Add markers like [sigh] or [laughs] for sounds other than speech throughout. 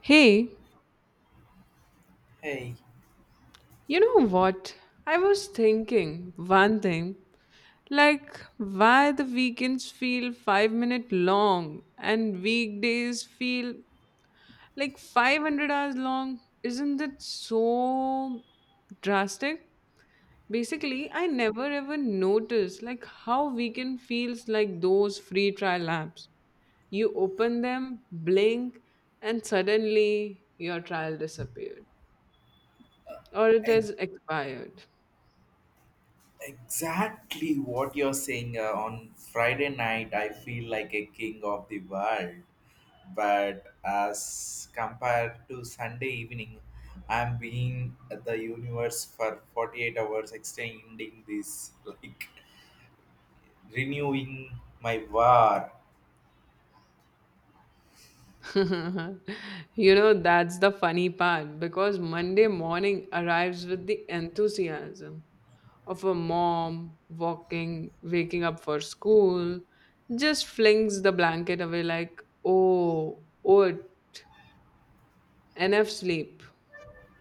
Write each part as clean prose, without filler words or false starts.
Hey, Hey, you know what? I was thinking one thing like why the weekends feel 5-minute long and weekdays feel like 500 hours long. Isn't that so drastic? Basically, I never ever noticed like how weekend feels like those free trial apps. You open them, blink, and suddenly your trial disappeared or it e- is expired. exactly what you're saying. On Friday night, I feel like a king of the world, but as compared to Sunday evening, I'm being at the universe for 48 hours, extending this, [laughs] like renewing my war. [laughs] You know, that's the funny part because Monday morning arrives with the enthusiasm of a mom walking, waking up for school, just flings the blanket away like, oh, oat, enough sleep,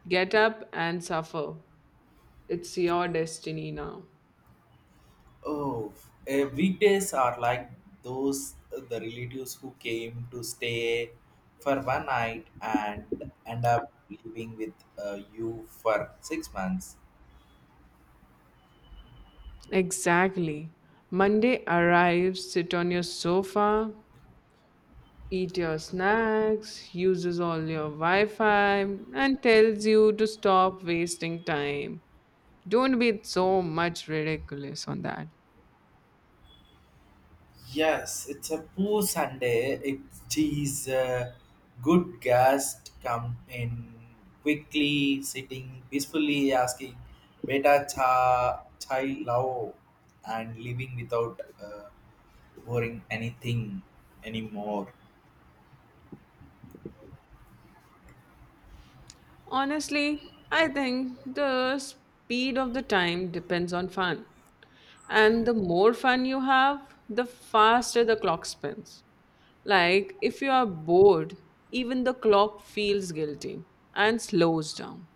get up and suffer. It's your destiny now. Oh, weekdays are like those the relatives who came to stay for one night and end up living with you for 6 months. Exactly. Monday arrives, sit on your sofa, eat your snacks, uses all your Wi Fi, and tells you to stop wasting time. Don't be so much ridiculous on that. Yes, it's a poor Sunday. It is a good guest come in quickly, sitting peacefully, asking beta cha chai lao, and leaving without worrying anything anymore. Honestly, I think the speed of the time depends on fun. And the more fun you have, the faster the clock spins. Like, if you are bored, even the clock feels guilty and slows down.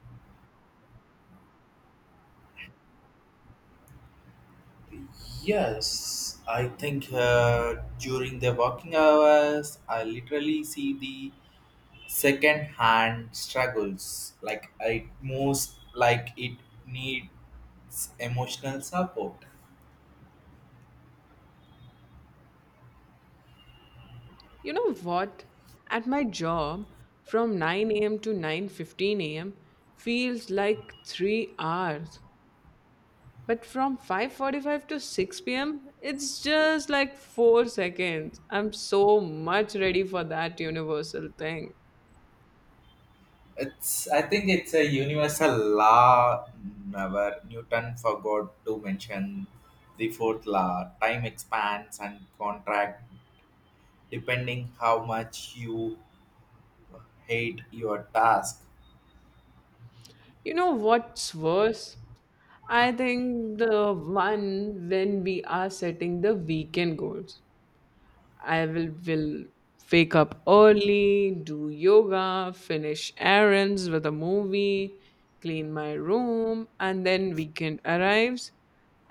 Yes, I think during the working hours, I literally see the second hand struggles. Like I most like it needs emotional support. You know what? At my job, from 9 a.m. to 9:15 a.m. feels like 3 hours. But from 5:45 to 6 p.m., it's just like 4 seconds. I'm so much ready for that universal thing. It's I think it's a universal law. Never Newton forgot to mention the fourth law. Time expands and contract depending how much you hate your task. You know what's worse? I think the one when we are setting the weekend goals. I will wake up early, do yoga, finish errands with a movie, clean my room, and then weekend arrives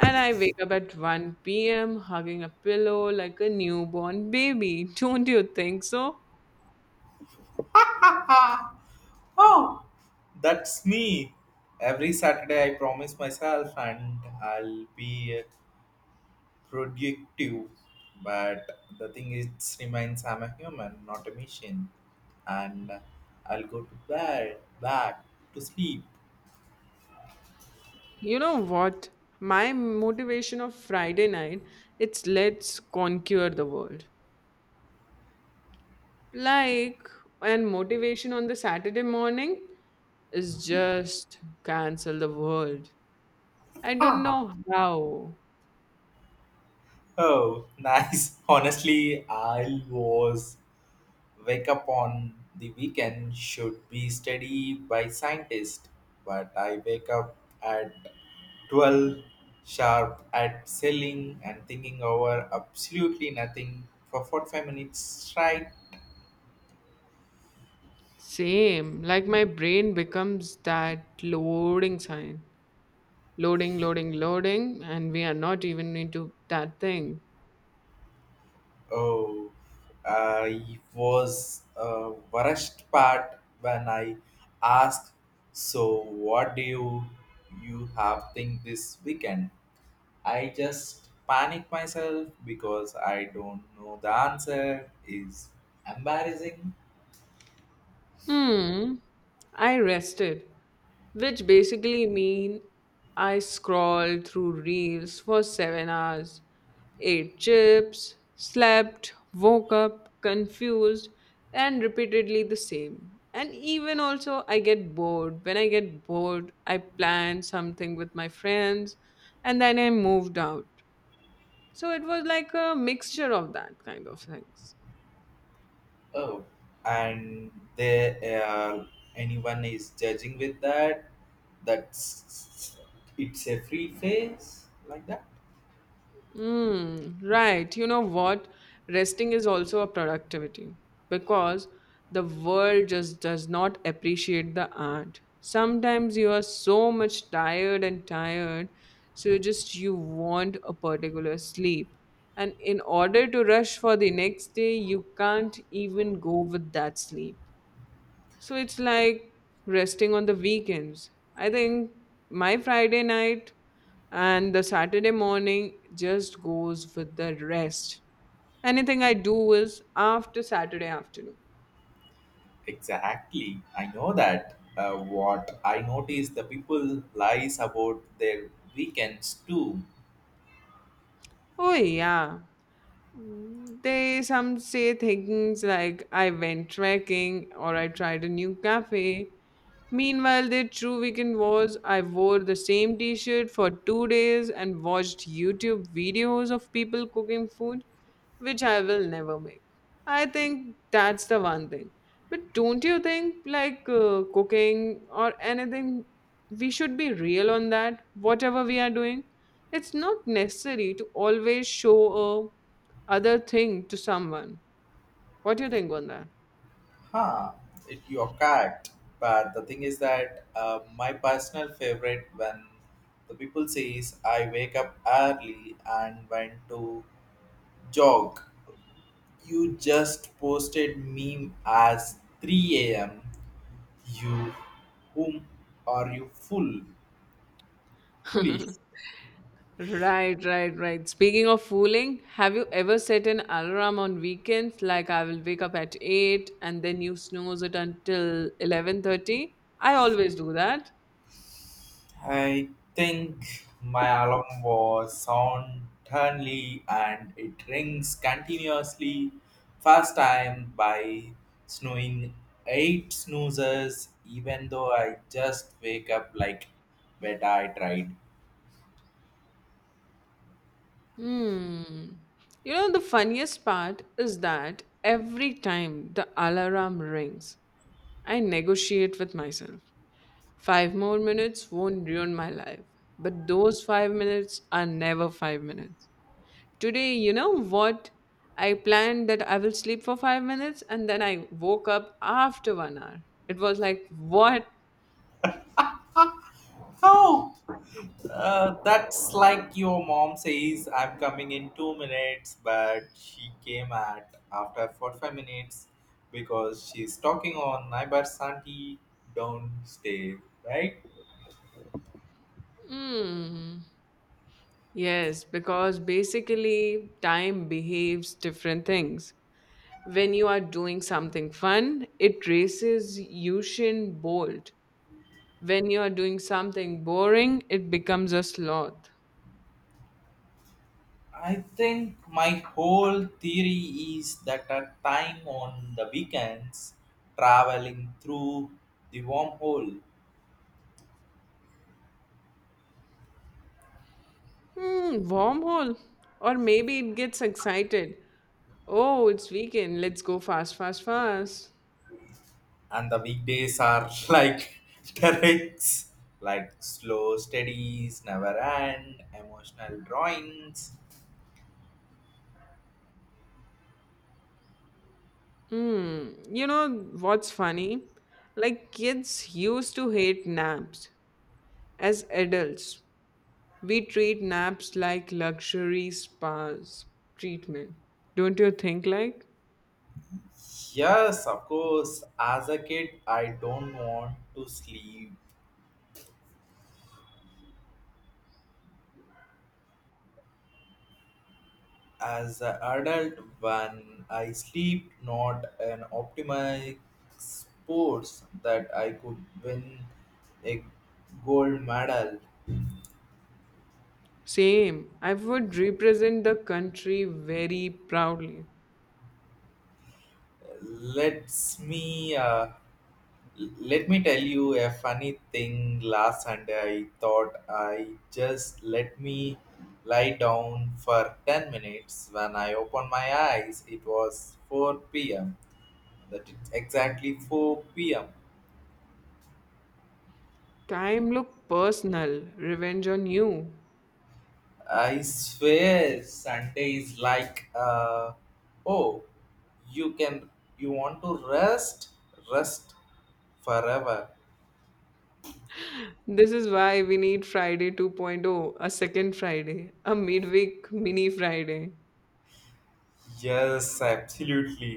and I wake up at 1 p.m. hugging a pillow like a newborn baby. [laughs] Don't you think so? That's me. Every Saturday, I promise myself, and I'll be productive. But the thing is, it reminds I'm a human, not a machine, and I'll go to bed, back to sleep. [laughs] You know what? My motivation of Friday night, it's let's conquer the world. Like and motivation on the Saturday morning is just cancel the world. I don't Ah, know how. oh, Nice. [laughs] Honestly, I was. Wake up on the weekend should be studied by scientists, but I wake up at 12 sharp at selling and thinking over absolutely nothing for 45 minutes straight. Same. Like my brain becomes that loading sign. Loading, loading, loading, and we are not even into that thing. Oh, I was Worst part when I asked, so you have think this weekend? I just panic myself because I don't know the answer is embarrassing. Hmm, I rested, which basically mean I scrolled through reels for 7 hours, ate chips, slept, woke up confused and repeatedly the same. And even also I get bored. When I get bored, I plan something with my friends and then I moved out. So it was like a mixture of that kind of things. Oh, and they Anyone is judging with that. That's it's a free phase like that. Mm, right. You know what? Resting is also a productivity because the world just does not appreciate the art. Sometimes you are so much tired and tired, so you just you want a particular sleep. And in order to rush for the next day, you can't even go with that sleep. So it's like resting on the weekends. I think my Friday night and the Saturday morning just goes with the rest. Anything I do is after Saturday afternoon. Exactly, I know that. What I notice the people lies about their weekends too. Oh yeah. They some say things like I went trekking or I tried a new cafe. Meanwhile, the true weekend was I wore the same t shirt for 2 days and watched YouTube videos of people cooking food, which I will never make. I think that's the one thing. But don't you think, like cooking or anything, we should be real on that, whatever we are doing? It's not necessary to always show a other thing to someone. What do you think on Huh, it, you're But the thing is that my personal favorite when the people says I wake up early and went to jog. You just posted meme as 3 a.m. You whom are you full foolish? that? [laughs] Right, right, right. Speaking of fooling, have you ever set an alarm on weekends like I will wake up at 8 and then you snooze it until 11:30? I always do that. I think my alarm was on turnly and it rings continuously. First time by snooing eight snoozers, even though I just wake up like beta I tried. Hmm. You know, the funniest part is that every time the alarm rings, I negotiate with myself. Five more minutes won't ruin my life, but those 5 minutes are never 5 minutes. Today, you know what? I planned that I will sleep for 5 minutes and then I woke up after 1 hour. It was like, what? Oh, that's like your mom says I'm coming in 2 minutes, but she came at after 45 minutes because she's talking on neighbor's auntie downstairs, right? Hmm. Yes, because basically time behaves different things. When you are doing something fun, it races Usain Bolt. When you are doing something boring, it becomes a sloth. I think my whole theory is that a time on the weekends traveling through the wormhole, Hmm, wormhole. Or maybe it gets excited. Oh, it's weekend. Let's go fast, fast, fast. and the weekdays are [laughs] like treks, like slow studies, never end, emotional drawings. Hmm. You know what's funny? Like kids used to hate naps. As adults, we treat naps like luxury spas treatment. Don't you think like? Yes, of course, as a kid, I don't want to sleep as an adult when I sleep not an optimized sports that I could win a gold medal. Same. I would represent the country very proudly. Let's me uh, let me tell you a funny thing. Last Sunday I thought I just let me lie down for 10 minutes. When I opened my eyes it was 4 p.m. That is exactly 4 p.m. Time look personal. Revenge on you. I swear Sunday is like oh you can you want to rest, rest forever. This is why we need Friday 2.0, a second Friday, a midweek mini Friday. Yes, absolutely,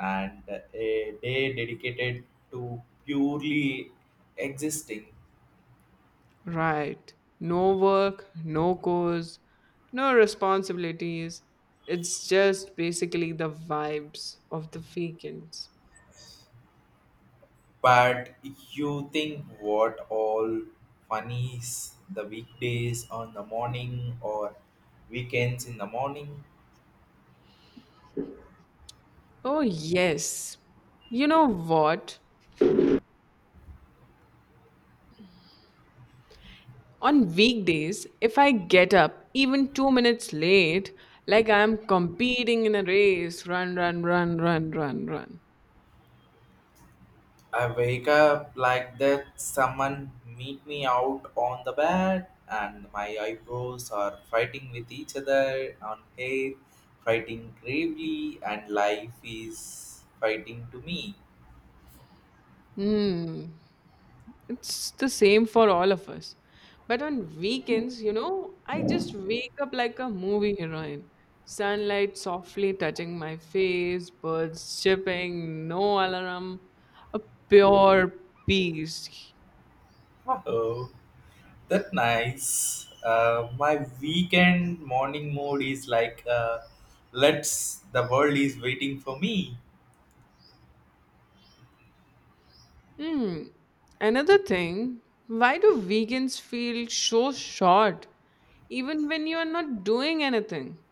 and a day dedicated to purely existing. Right. No work, no cause, no responsibilities. It's just basically the vibes of the weekends. But you think what all funnies the weekdays on the morning or weekends in the morning. Oh, yes. You know what? On weekdays, if I get up even 2 minutes late, like I'm competing in a race, run, run, run, run, run, run. I wake up like that, someone meet me out on the bed, and my eyebrows are fighting with each other on hair, fighting gravely, and life is fighting to me. Hmm. It's the same for all of us. But on weekends, you know, I just wake up like a movie heroine. Sunlight softly touching my face, birds chirping, no alarm, a pure peace. Oh, that nice. My weekend morning mood is like, the world is waiting for me. Hmm. Another thing, why do vegans feel so short even when you are not doing anything?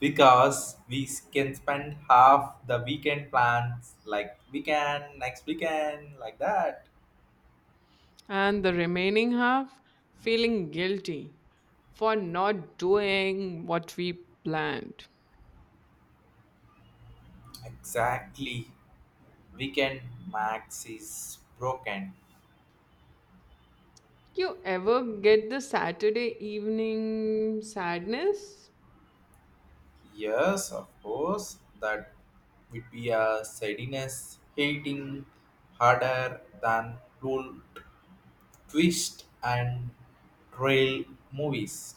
Because we can spend half the weekend plans like weekend next weekend like that. And the remaining half feeling guilty for not doing what we planned. Exactly, weekend max is broken. You ever get the Saturday evening sadness? Yes, of course, that would be a sadness hitting harder than rule twist and trail movies.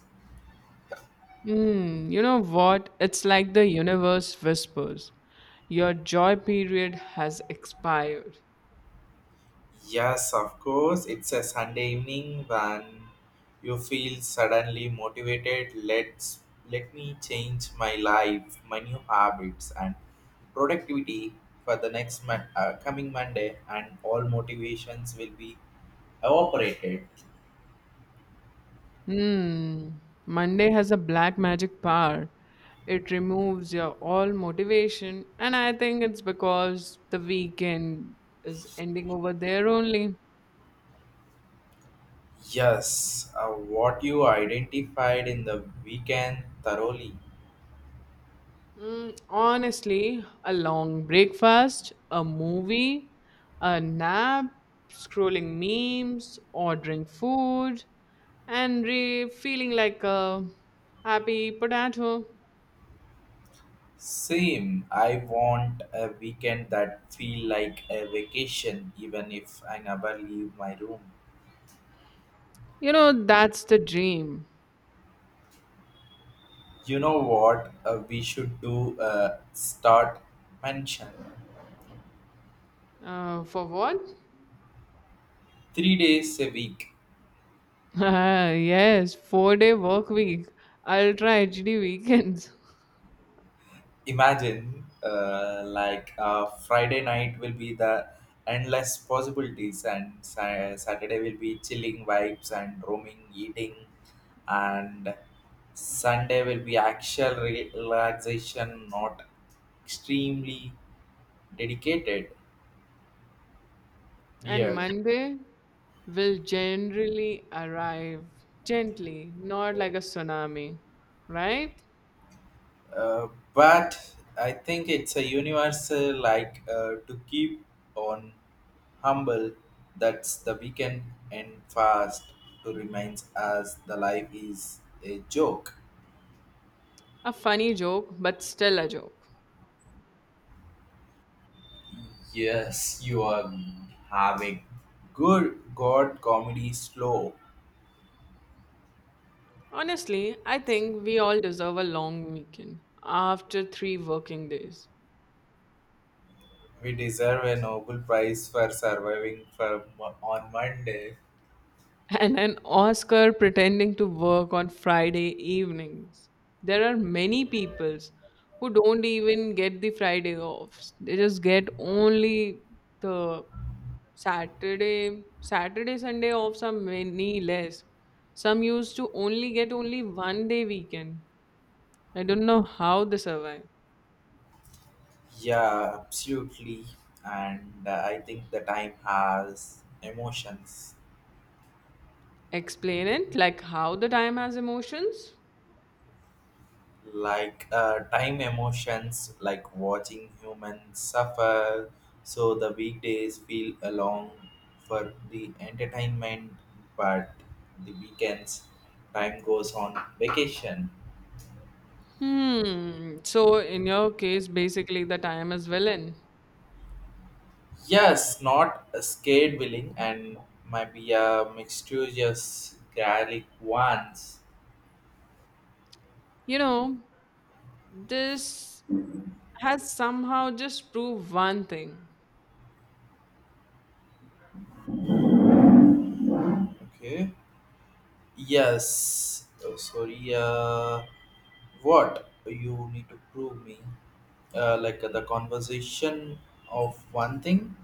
Mm, you know what? It's like the universe whispers. Your joy period has expired. Yes, of course. It's a Sunday evening when you feel suddenly motivated. Let me change my life, my new habits, and productivity for the next coming Monday, and all motivations will be evaporated. Hmm. Monday has a black magic power. It removes your all motivation, and I think it's because the weekend is ending over there only. Yes, what you identified in the weekend thoroughly. Mm, honestly, a long breakfast, a movie, a nap, scrolling memes, ordering food, and feeling like a happy potato. Same. I want a weekend that feel like a vacation, even if I never leave my room. You know, that's the dream. You know what? We should do a start mention. For what? 3 days a week. [laughs] Ah yes, 4 day work week, ultra HD weekends. Imagine friday night will be the endless possibilities, and saturday will be chilling vibes and roaming eating, and sunday will be actual relaxation, not extremely dedicated [laughs] And dear. Monday will generally arrive gently, not like a tsunami, right? Uh, but I think it's a universal like to keep on humble. That's the weekend and fast to remind us the life is a joke. A funny joke, but still a joke. Yes, you are having. Good God, comedy slow. Honestly, I think we all deserve a long weekend after 3 working days. We deserve a Nobel Prize for surviving for on Monday. And an Oscar pretending to work on Friday evenings. There are many peoples who don't even get the Friday off. They just get only the Saturday, Saturday, Sunday offs. Are many less. Some used to only get only 1 day weekend. I don't know how they survive. Yeah, absolutely. And I think the time has emotions. Explain it like how the time has emotions. Like time emotions like watching humans suffer, so the weekdays feel along for the entertainment, but the weekends time goes on vacation. Hmm. So in your case, basically the time is villain. Yes, not a scared willing and might be a mixturious garlic ones. You know, this has somehow just proved one thing. Okay, yes. Oh, sorry uh what you need to prove me, like the conversation of one thing.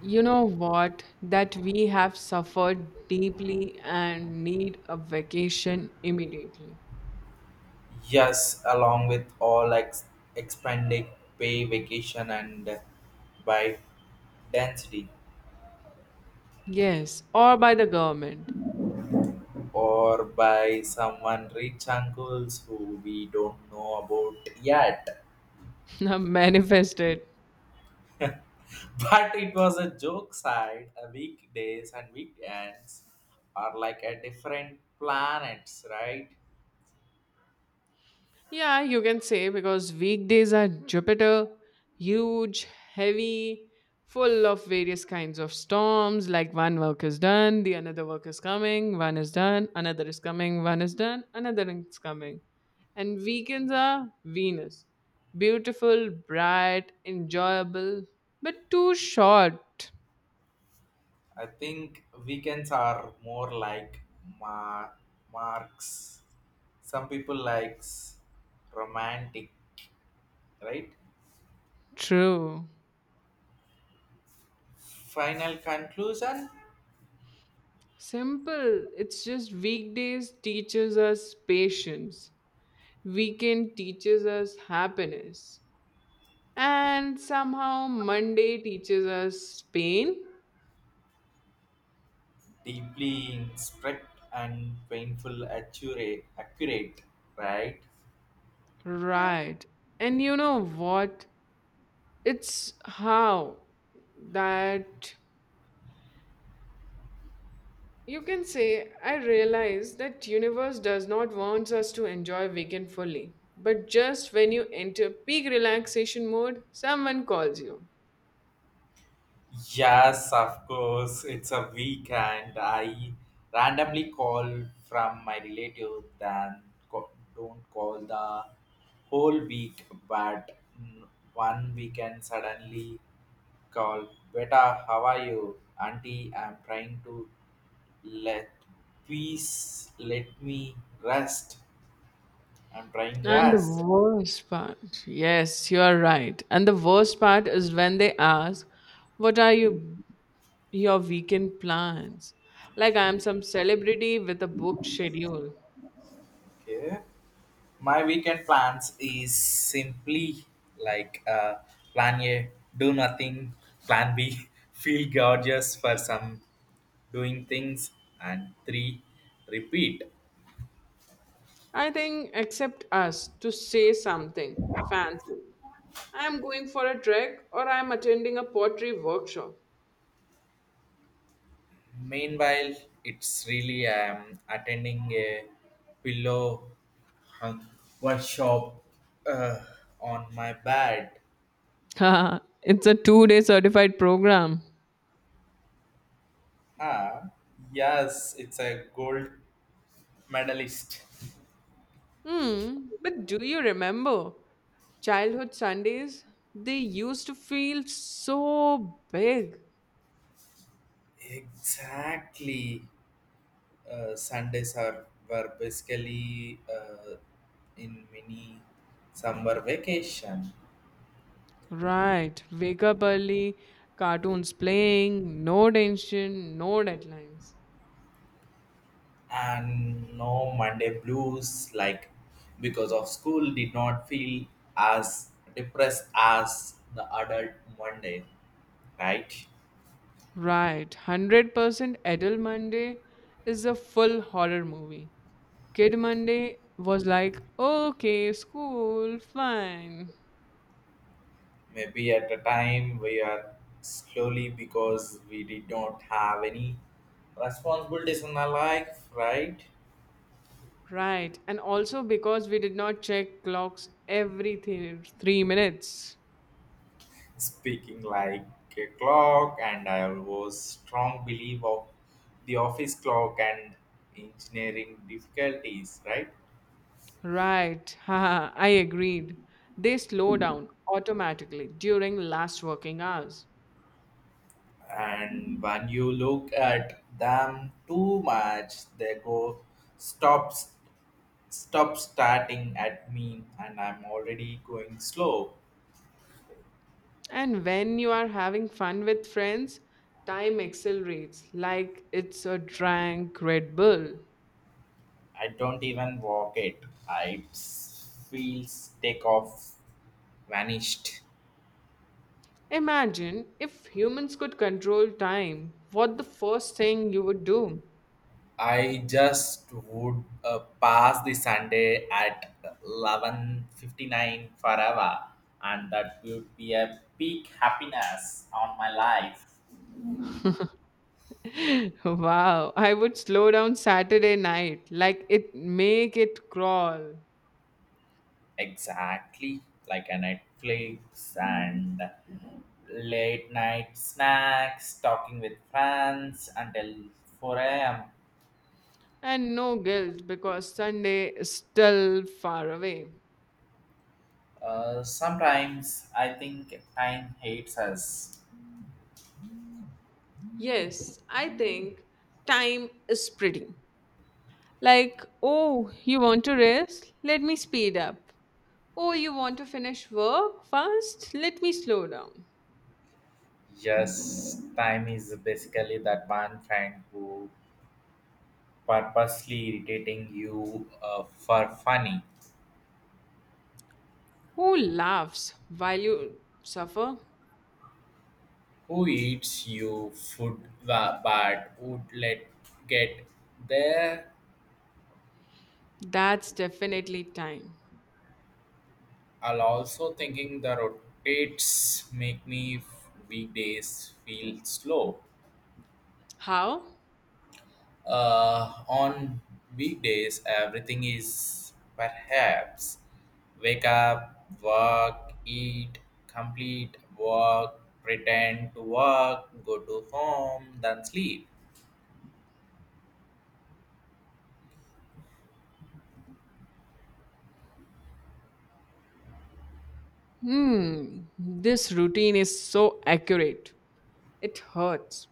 You know what? That we have suffered deeply and need a vacation immediately. Yes, along with all expanded pay vacation and by density, Yes, or by the government. or by someone rich uncles who we don't know about yet. [laughs] Manifested. [laughs] But it was a joke side, weekdays and weekends are like a different planets, right? Yeah, you can say because weekdays are Jupiter, huge, heavy, full of various kinds of storms. Like one work is done, the another work is coming, one is done, another is coming, one is done, another is coming. And weekends are Venus. Beautiful, bright, enjoyable, but too short. I think weekends are more like mar- marks. Some people likes romantic, right? True. Final conclusion: Simple. It's just weekdays teaches us patience. Weekend teaches us happiness and somehow Monday teaches us pain, deeply instruct and painful, accurate, accurate, right? right? And you know what? It's how that you can say I realize that universe does not wants us to enjoy weekend fully, but just when you enter peak relaxation mode, someone calls you. Yes, of course. It's a weekend. I randomly call from my relative, then co- don't call the whole week, but mm, one weekend suddenly call. Beta, how are you? Auntie, I'm trying to let peace, let me rest. I'm trying And the rest. worst part, yes, you are right. And the worst part is when they ask, what are you? Your weekend plans. Like I am some celebrity with a book schedule. Okay. My weekend plans is simply like plan A, do nothing, plan B, [laughs] feel gorgeous for some doing things, and three, repeat. I think except us to say something fancy. I am going for a trek or I am attending a pottery workshop. Meanwhile, it's really I am attending a pillow hung workshop uh, on my bed. [laughs] Haha, it's a 2 day certified program. Ah, yes, it's a gold medalist. Hmm, but do you remember childhood Sundays? They used to feel so big. Exactly. Sundays are were basically in mini summer vacation, Right. Wake up early, cartoons playing, no tension, no deadlines. and no Monday blues like because of school did not feel as depressed as the adult Monday, right? Right, 100% Adult Monday is a full horror movie. Kid Monday was like, okay, school, fine. Maybe at the time we are slowly because we did not have any responsibilities in our life, right? Right, and also because we did not check clocks every 3 minutes. Speaking like a clock, and I was strong belief of the office clock and engineering difficulties, right? Right, [laughs] haha, I agreed. They slow down automatically during last working hours. And when you look at them too much they go stops stop starting at me and I'm already going slow. And when you are having fun with friends, time accelerates like it's a drunk Red Bull. I don't even walk it. I feels take off vanished. Imagine if humans could control time, what the first thing you would do? I just would pass the Sunday at 11:59 forever, and that would be a peak happiness on my life. [laughs] Wow, I would slow down Saturday night, like it make it crawl. Exactly like a Netflix and late night snacks, talking with friends until 4 a.m. And no guilt because Sunday is still far away. Sometimes I think time hates us. Yes, I think time is pretty. Like, oh, you want to rest? Let me speed up. Oh, you want to finish work fast? Let me slow down. Yes, time is basically that one friend who purposely irritating you for funny. Who laughs while you suffer? Who eats you food but would let get there? That's definitely time. I'll also thinking the rotates make me weekdays feel slow. How? On weekdays, everything is perhaps wake up, work, eat, complete work, pretend to work, go to home, then sleep. Hmm, this routine is so accurate. It hurts.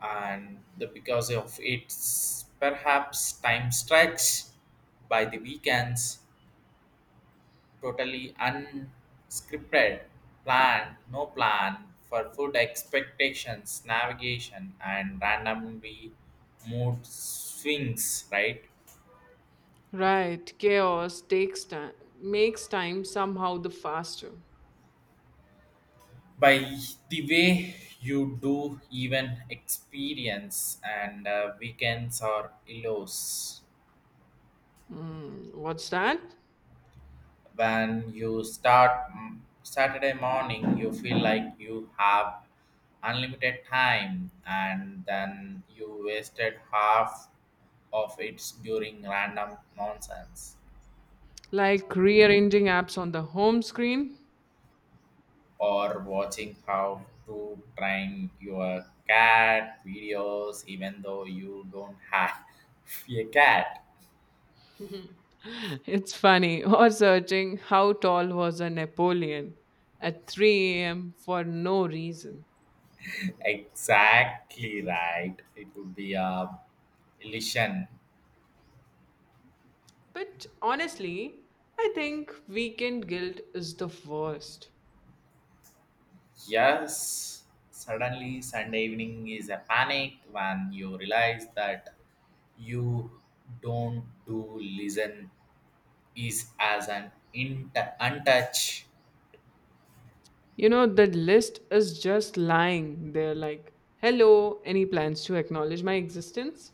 And the, because of its perhaps time stretch by the weekends, totally unscripted, plan, no plan for food expectations, navigation, and randomly mood swings, right? Right, chaos takes time, makes time somehow the faster. By the way, you do even experience and weekends or illos. Hmm, what's that? When you start Saturday morning, you feel like you have unlimited time, and then you wasted half of it during random nonsense Like rearranging apps on the home screen? or watching how to train your cat videos, even though you don't have [laughs] a cat. [laughs] It's funny. Or searching how tall was a Napoleon at 3 a.m. for no reason. Exactly right. It would be a illusion. But honestly, I think weekend guilt is the worst. Yes, suddenly Sunday evening is a panic when you realize that you don't do listen is as an in untouch. You know, the list is just lying there like, hello, any plans to acknowledge my existence?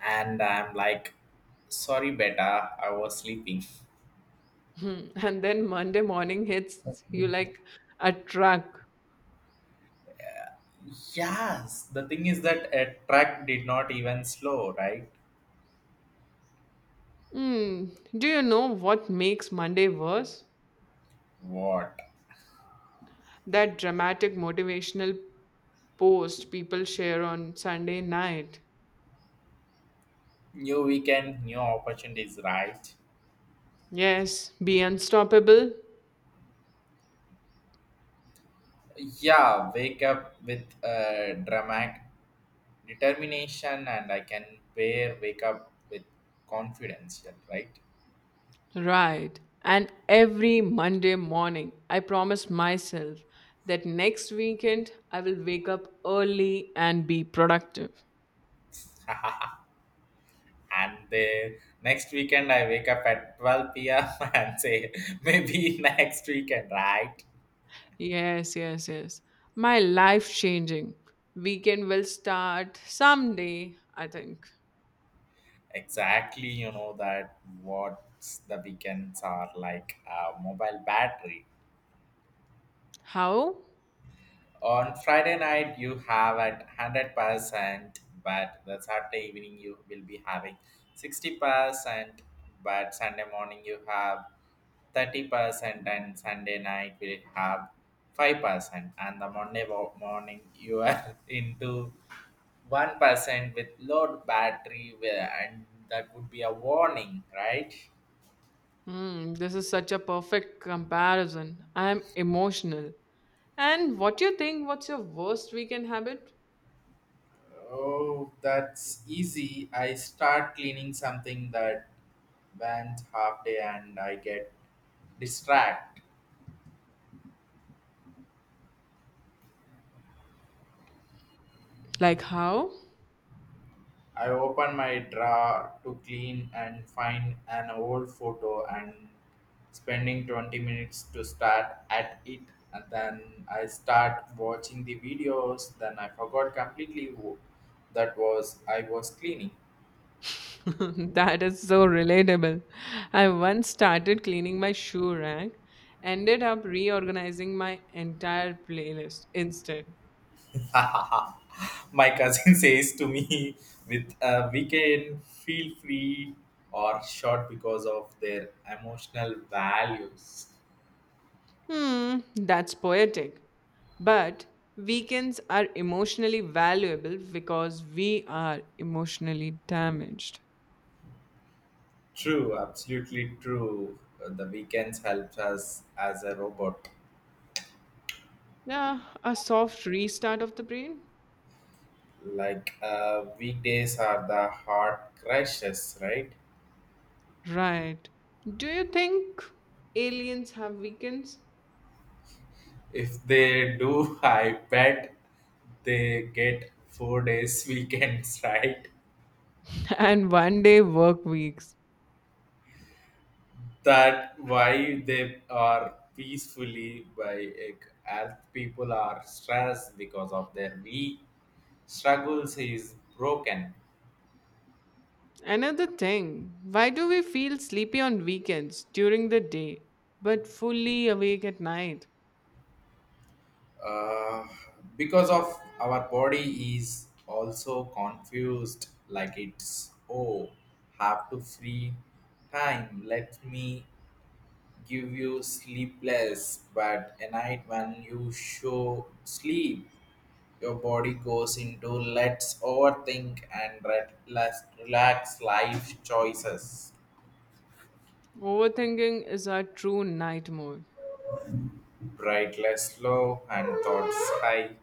And I'm like sorry beta I was sleeping. Hmm. [laughs] And then Monday morning hits you like a truck. Yes, the thing is that a truck did not even slow, right? Hmm. Do you know what makes Monday worse? What? That dramatic motivational post people share on Sunday night. New weekend, new opportunities, right? Yes, be unstoppable. Yeah, wake up with a dramatic determination and I can pair wake up with confidence, yeah, right? Right. And every Monday morning, I promise myself that next weekend I will wake up early and be productive. And the next weekend I wake up at 12 p.m. [laughs] and say maybe [laughs] next weekend, right? Yes, yes, yes. My life changing. Weekend will start someday, I think. Exactly, you know that what the weekends are like a mobile battery. How? On Friday night you have at 100%, but the Saturday evening you will be having 60%, but Sunday morning you have 30% and Sunday night will have 5% and the Monday morning you are [laughs] into 1% with low battery and that would be a warning, right? Hmm, this is such a perfect comparison. I am emotional. And what do you think? What's your worst weekend habit? Oh, that's easy. I start cleaning something that went half day and I get distracted. Like how? I opened my drawer to clean and find an old photo and spending 20 minutes to start at it and then I start watching the videos then I forgot completely who that was I was cleaning. [laughs] That is so relatable. I once started cleaning my shoe rack, ended up reorganizing my entire playlist instead. [laughs] My cousin [laughs] says to me with a weekend feel free or short because of their emotional values. Hmm, that's poetic. But weekends are emotionally valuable because we are emotionally damaged. True, absolutely true. The weekends helps us as a robot. Yeah, a soft restart of the brain? Like weekdays are the hard crashes, right? Right. Do you think aliens have weekends? If they do, [laughs] I bet they get 4 days [laughs] weekends, right? [laughs] And 1 day work weeks. That why they are peacefully by as people are stressed because of their week struggles is broken. Another thing, why do we feel sleepy on weekends during the day but fully awake at night? uh, because of our body is also confused like it's oh have to free time let me give you sleepless but a night when you show sleep your body goes into let's overthink and let less relax life choices. Overthinking is our true night mode. Bright less low and thoughts high.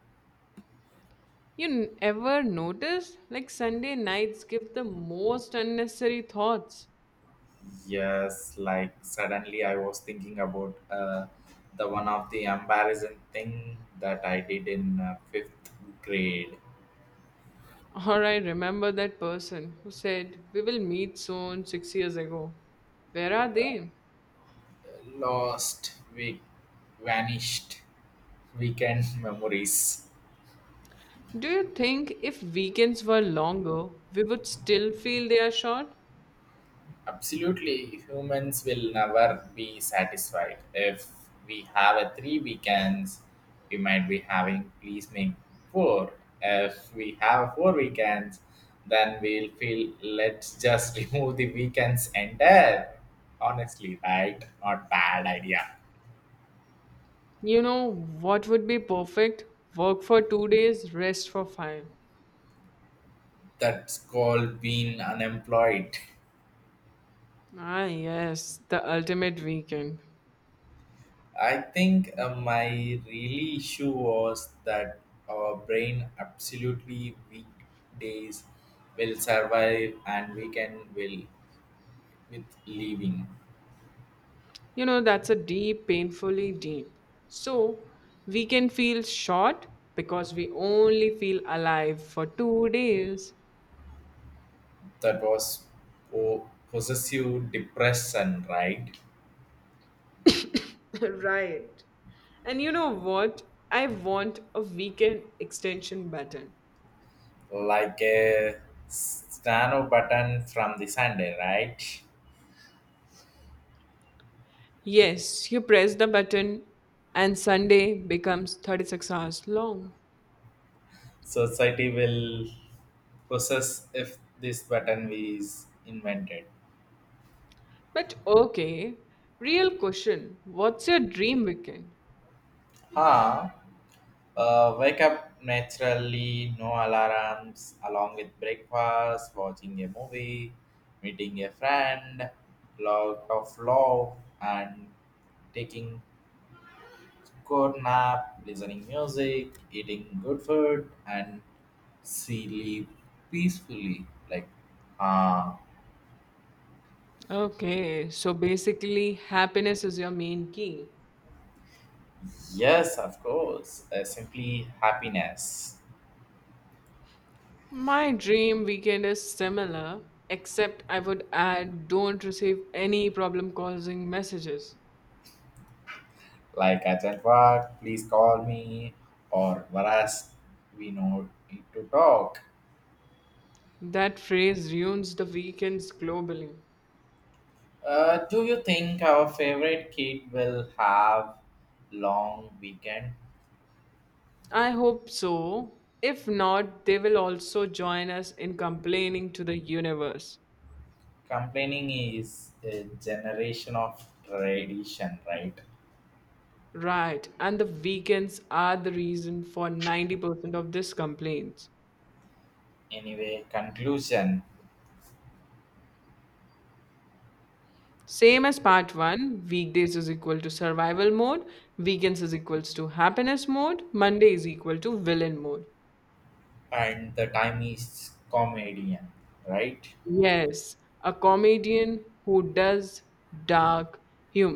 You ever notice? Like Sunday nights give the most unnecessary thoughts. Yes, like suddenly I was thinking about the one of the embarrassing thing that I did in fifth grade. Or I remember that person who said, we will meet soon 6 years ago. Where are they? Lost, we vanished weekend [laughs] memories. Do you think if weekends were longer, we would still feel they are short? Absolutely, humans will never be satisfied. If we have a 3 weekends, we might be having please make four. If we have 4 weekends, then we'll feel let's just [laughs] remove the weekends entire. Honestly, right? Not bad idea. You know what would be perfect? Work for 2 days, rest for 5. That's called being unemployed. [laughs] Ah, yes, the ultimate weekend. I think my really issue was that our brain absolutely weekdays will survive and weekend will with leaving. You know, that's a deep, painfully deep. So, we can feel short because we only feel alive for 2 days. That was possessive depression, right? [laughs] Right. And you know what? I want a weekend extension button. Like a stano button from the Sunday, right? Yes, you press the button and Sunday becomes 36 hours long. Society will possess if this button is invented. But okay, real question. What's your dream weekend? Huh? Wake up naturally, no alarms, along with breakfast, watching a movie, meeting a friend, lot of love, and taking good nap, listening music, eating good food, and sleep peacefully. Like, uh, Okay, so basically, happiness is your main key. yes, of course, simply happiness. My dream weekend is similar, except I would add don't receive any problem causing messages. Like "I at work, please call me, or whereas we know need to talk. That phrase ruins the weekends globally. Do you think our favorite kid will have long weekend? I hope so. If not, they will also join us in complaining to the universe. Complaining is a generation of tradition, right? Right, and the weekends are the reason for 90% of these complaints. Anyway, conclusion Same as part 1, weekdays is equal to survival mode, weekends is equals to happiness mode, Monday is equal to villain mode. and the time is comedian, right? Yes, a comedian who does dark humor.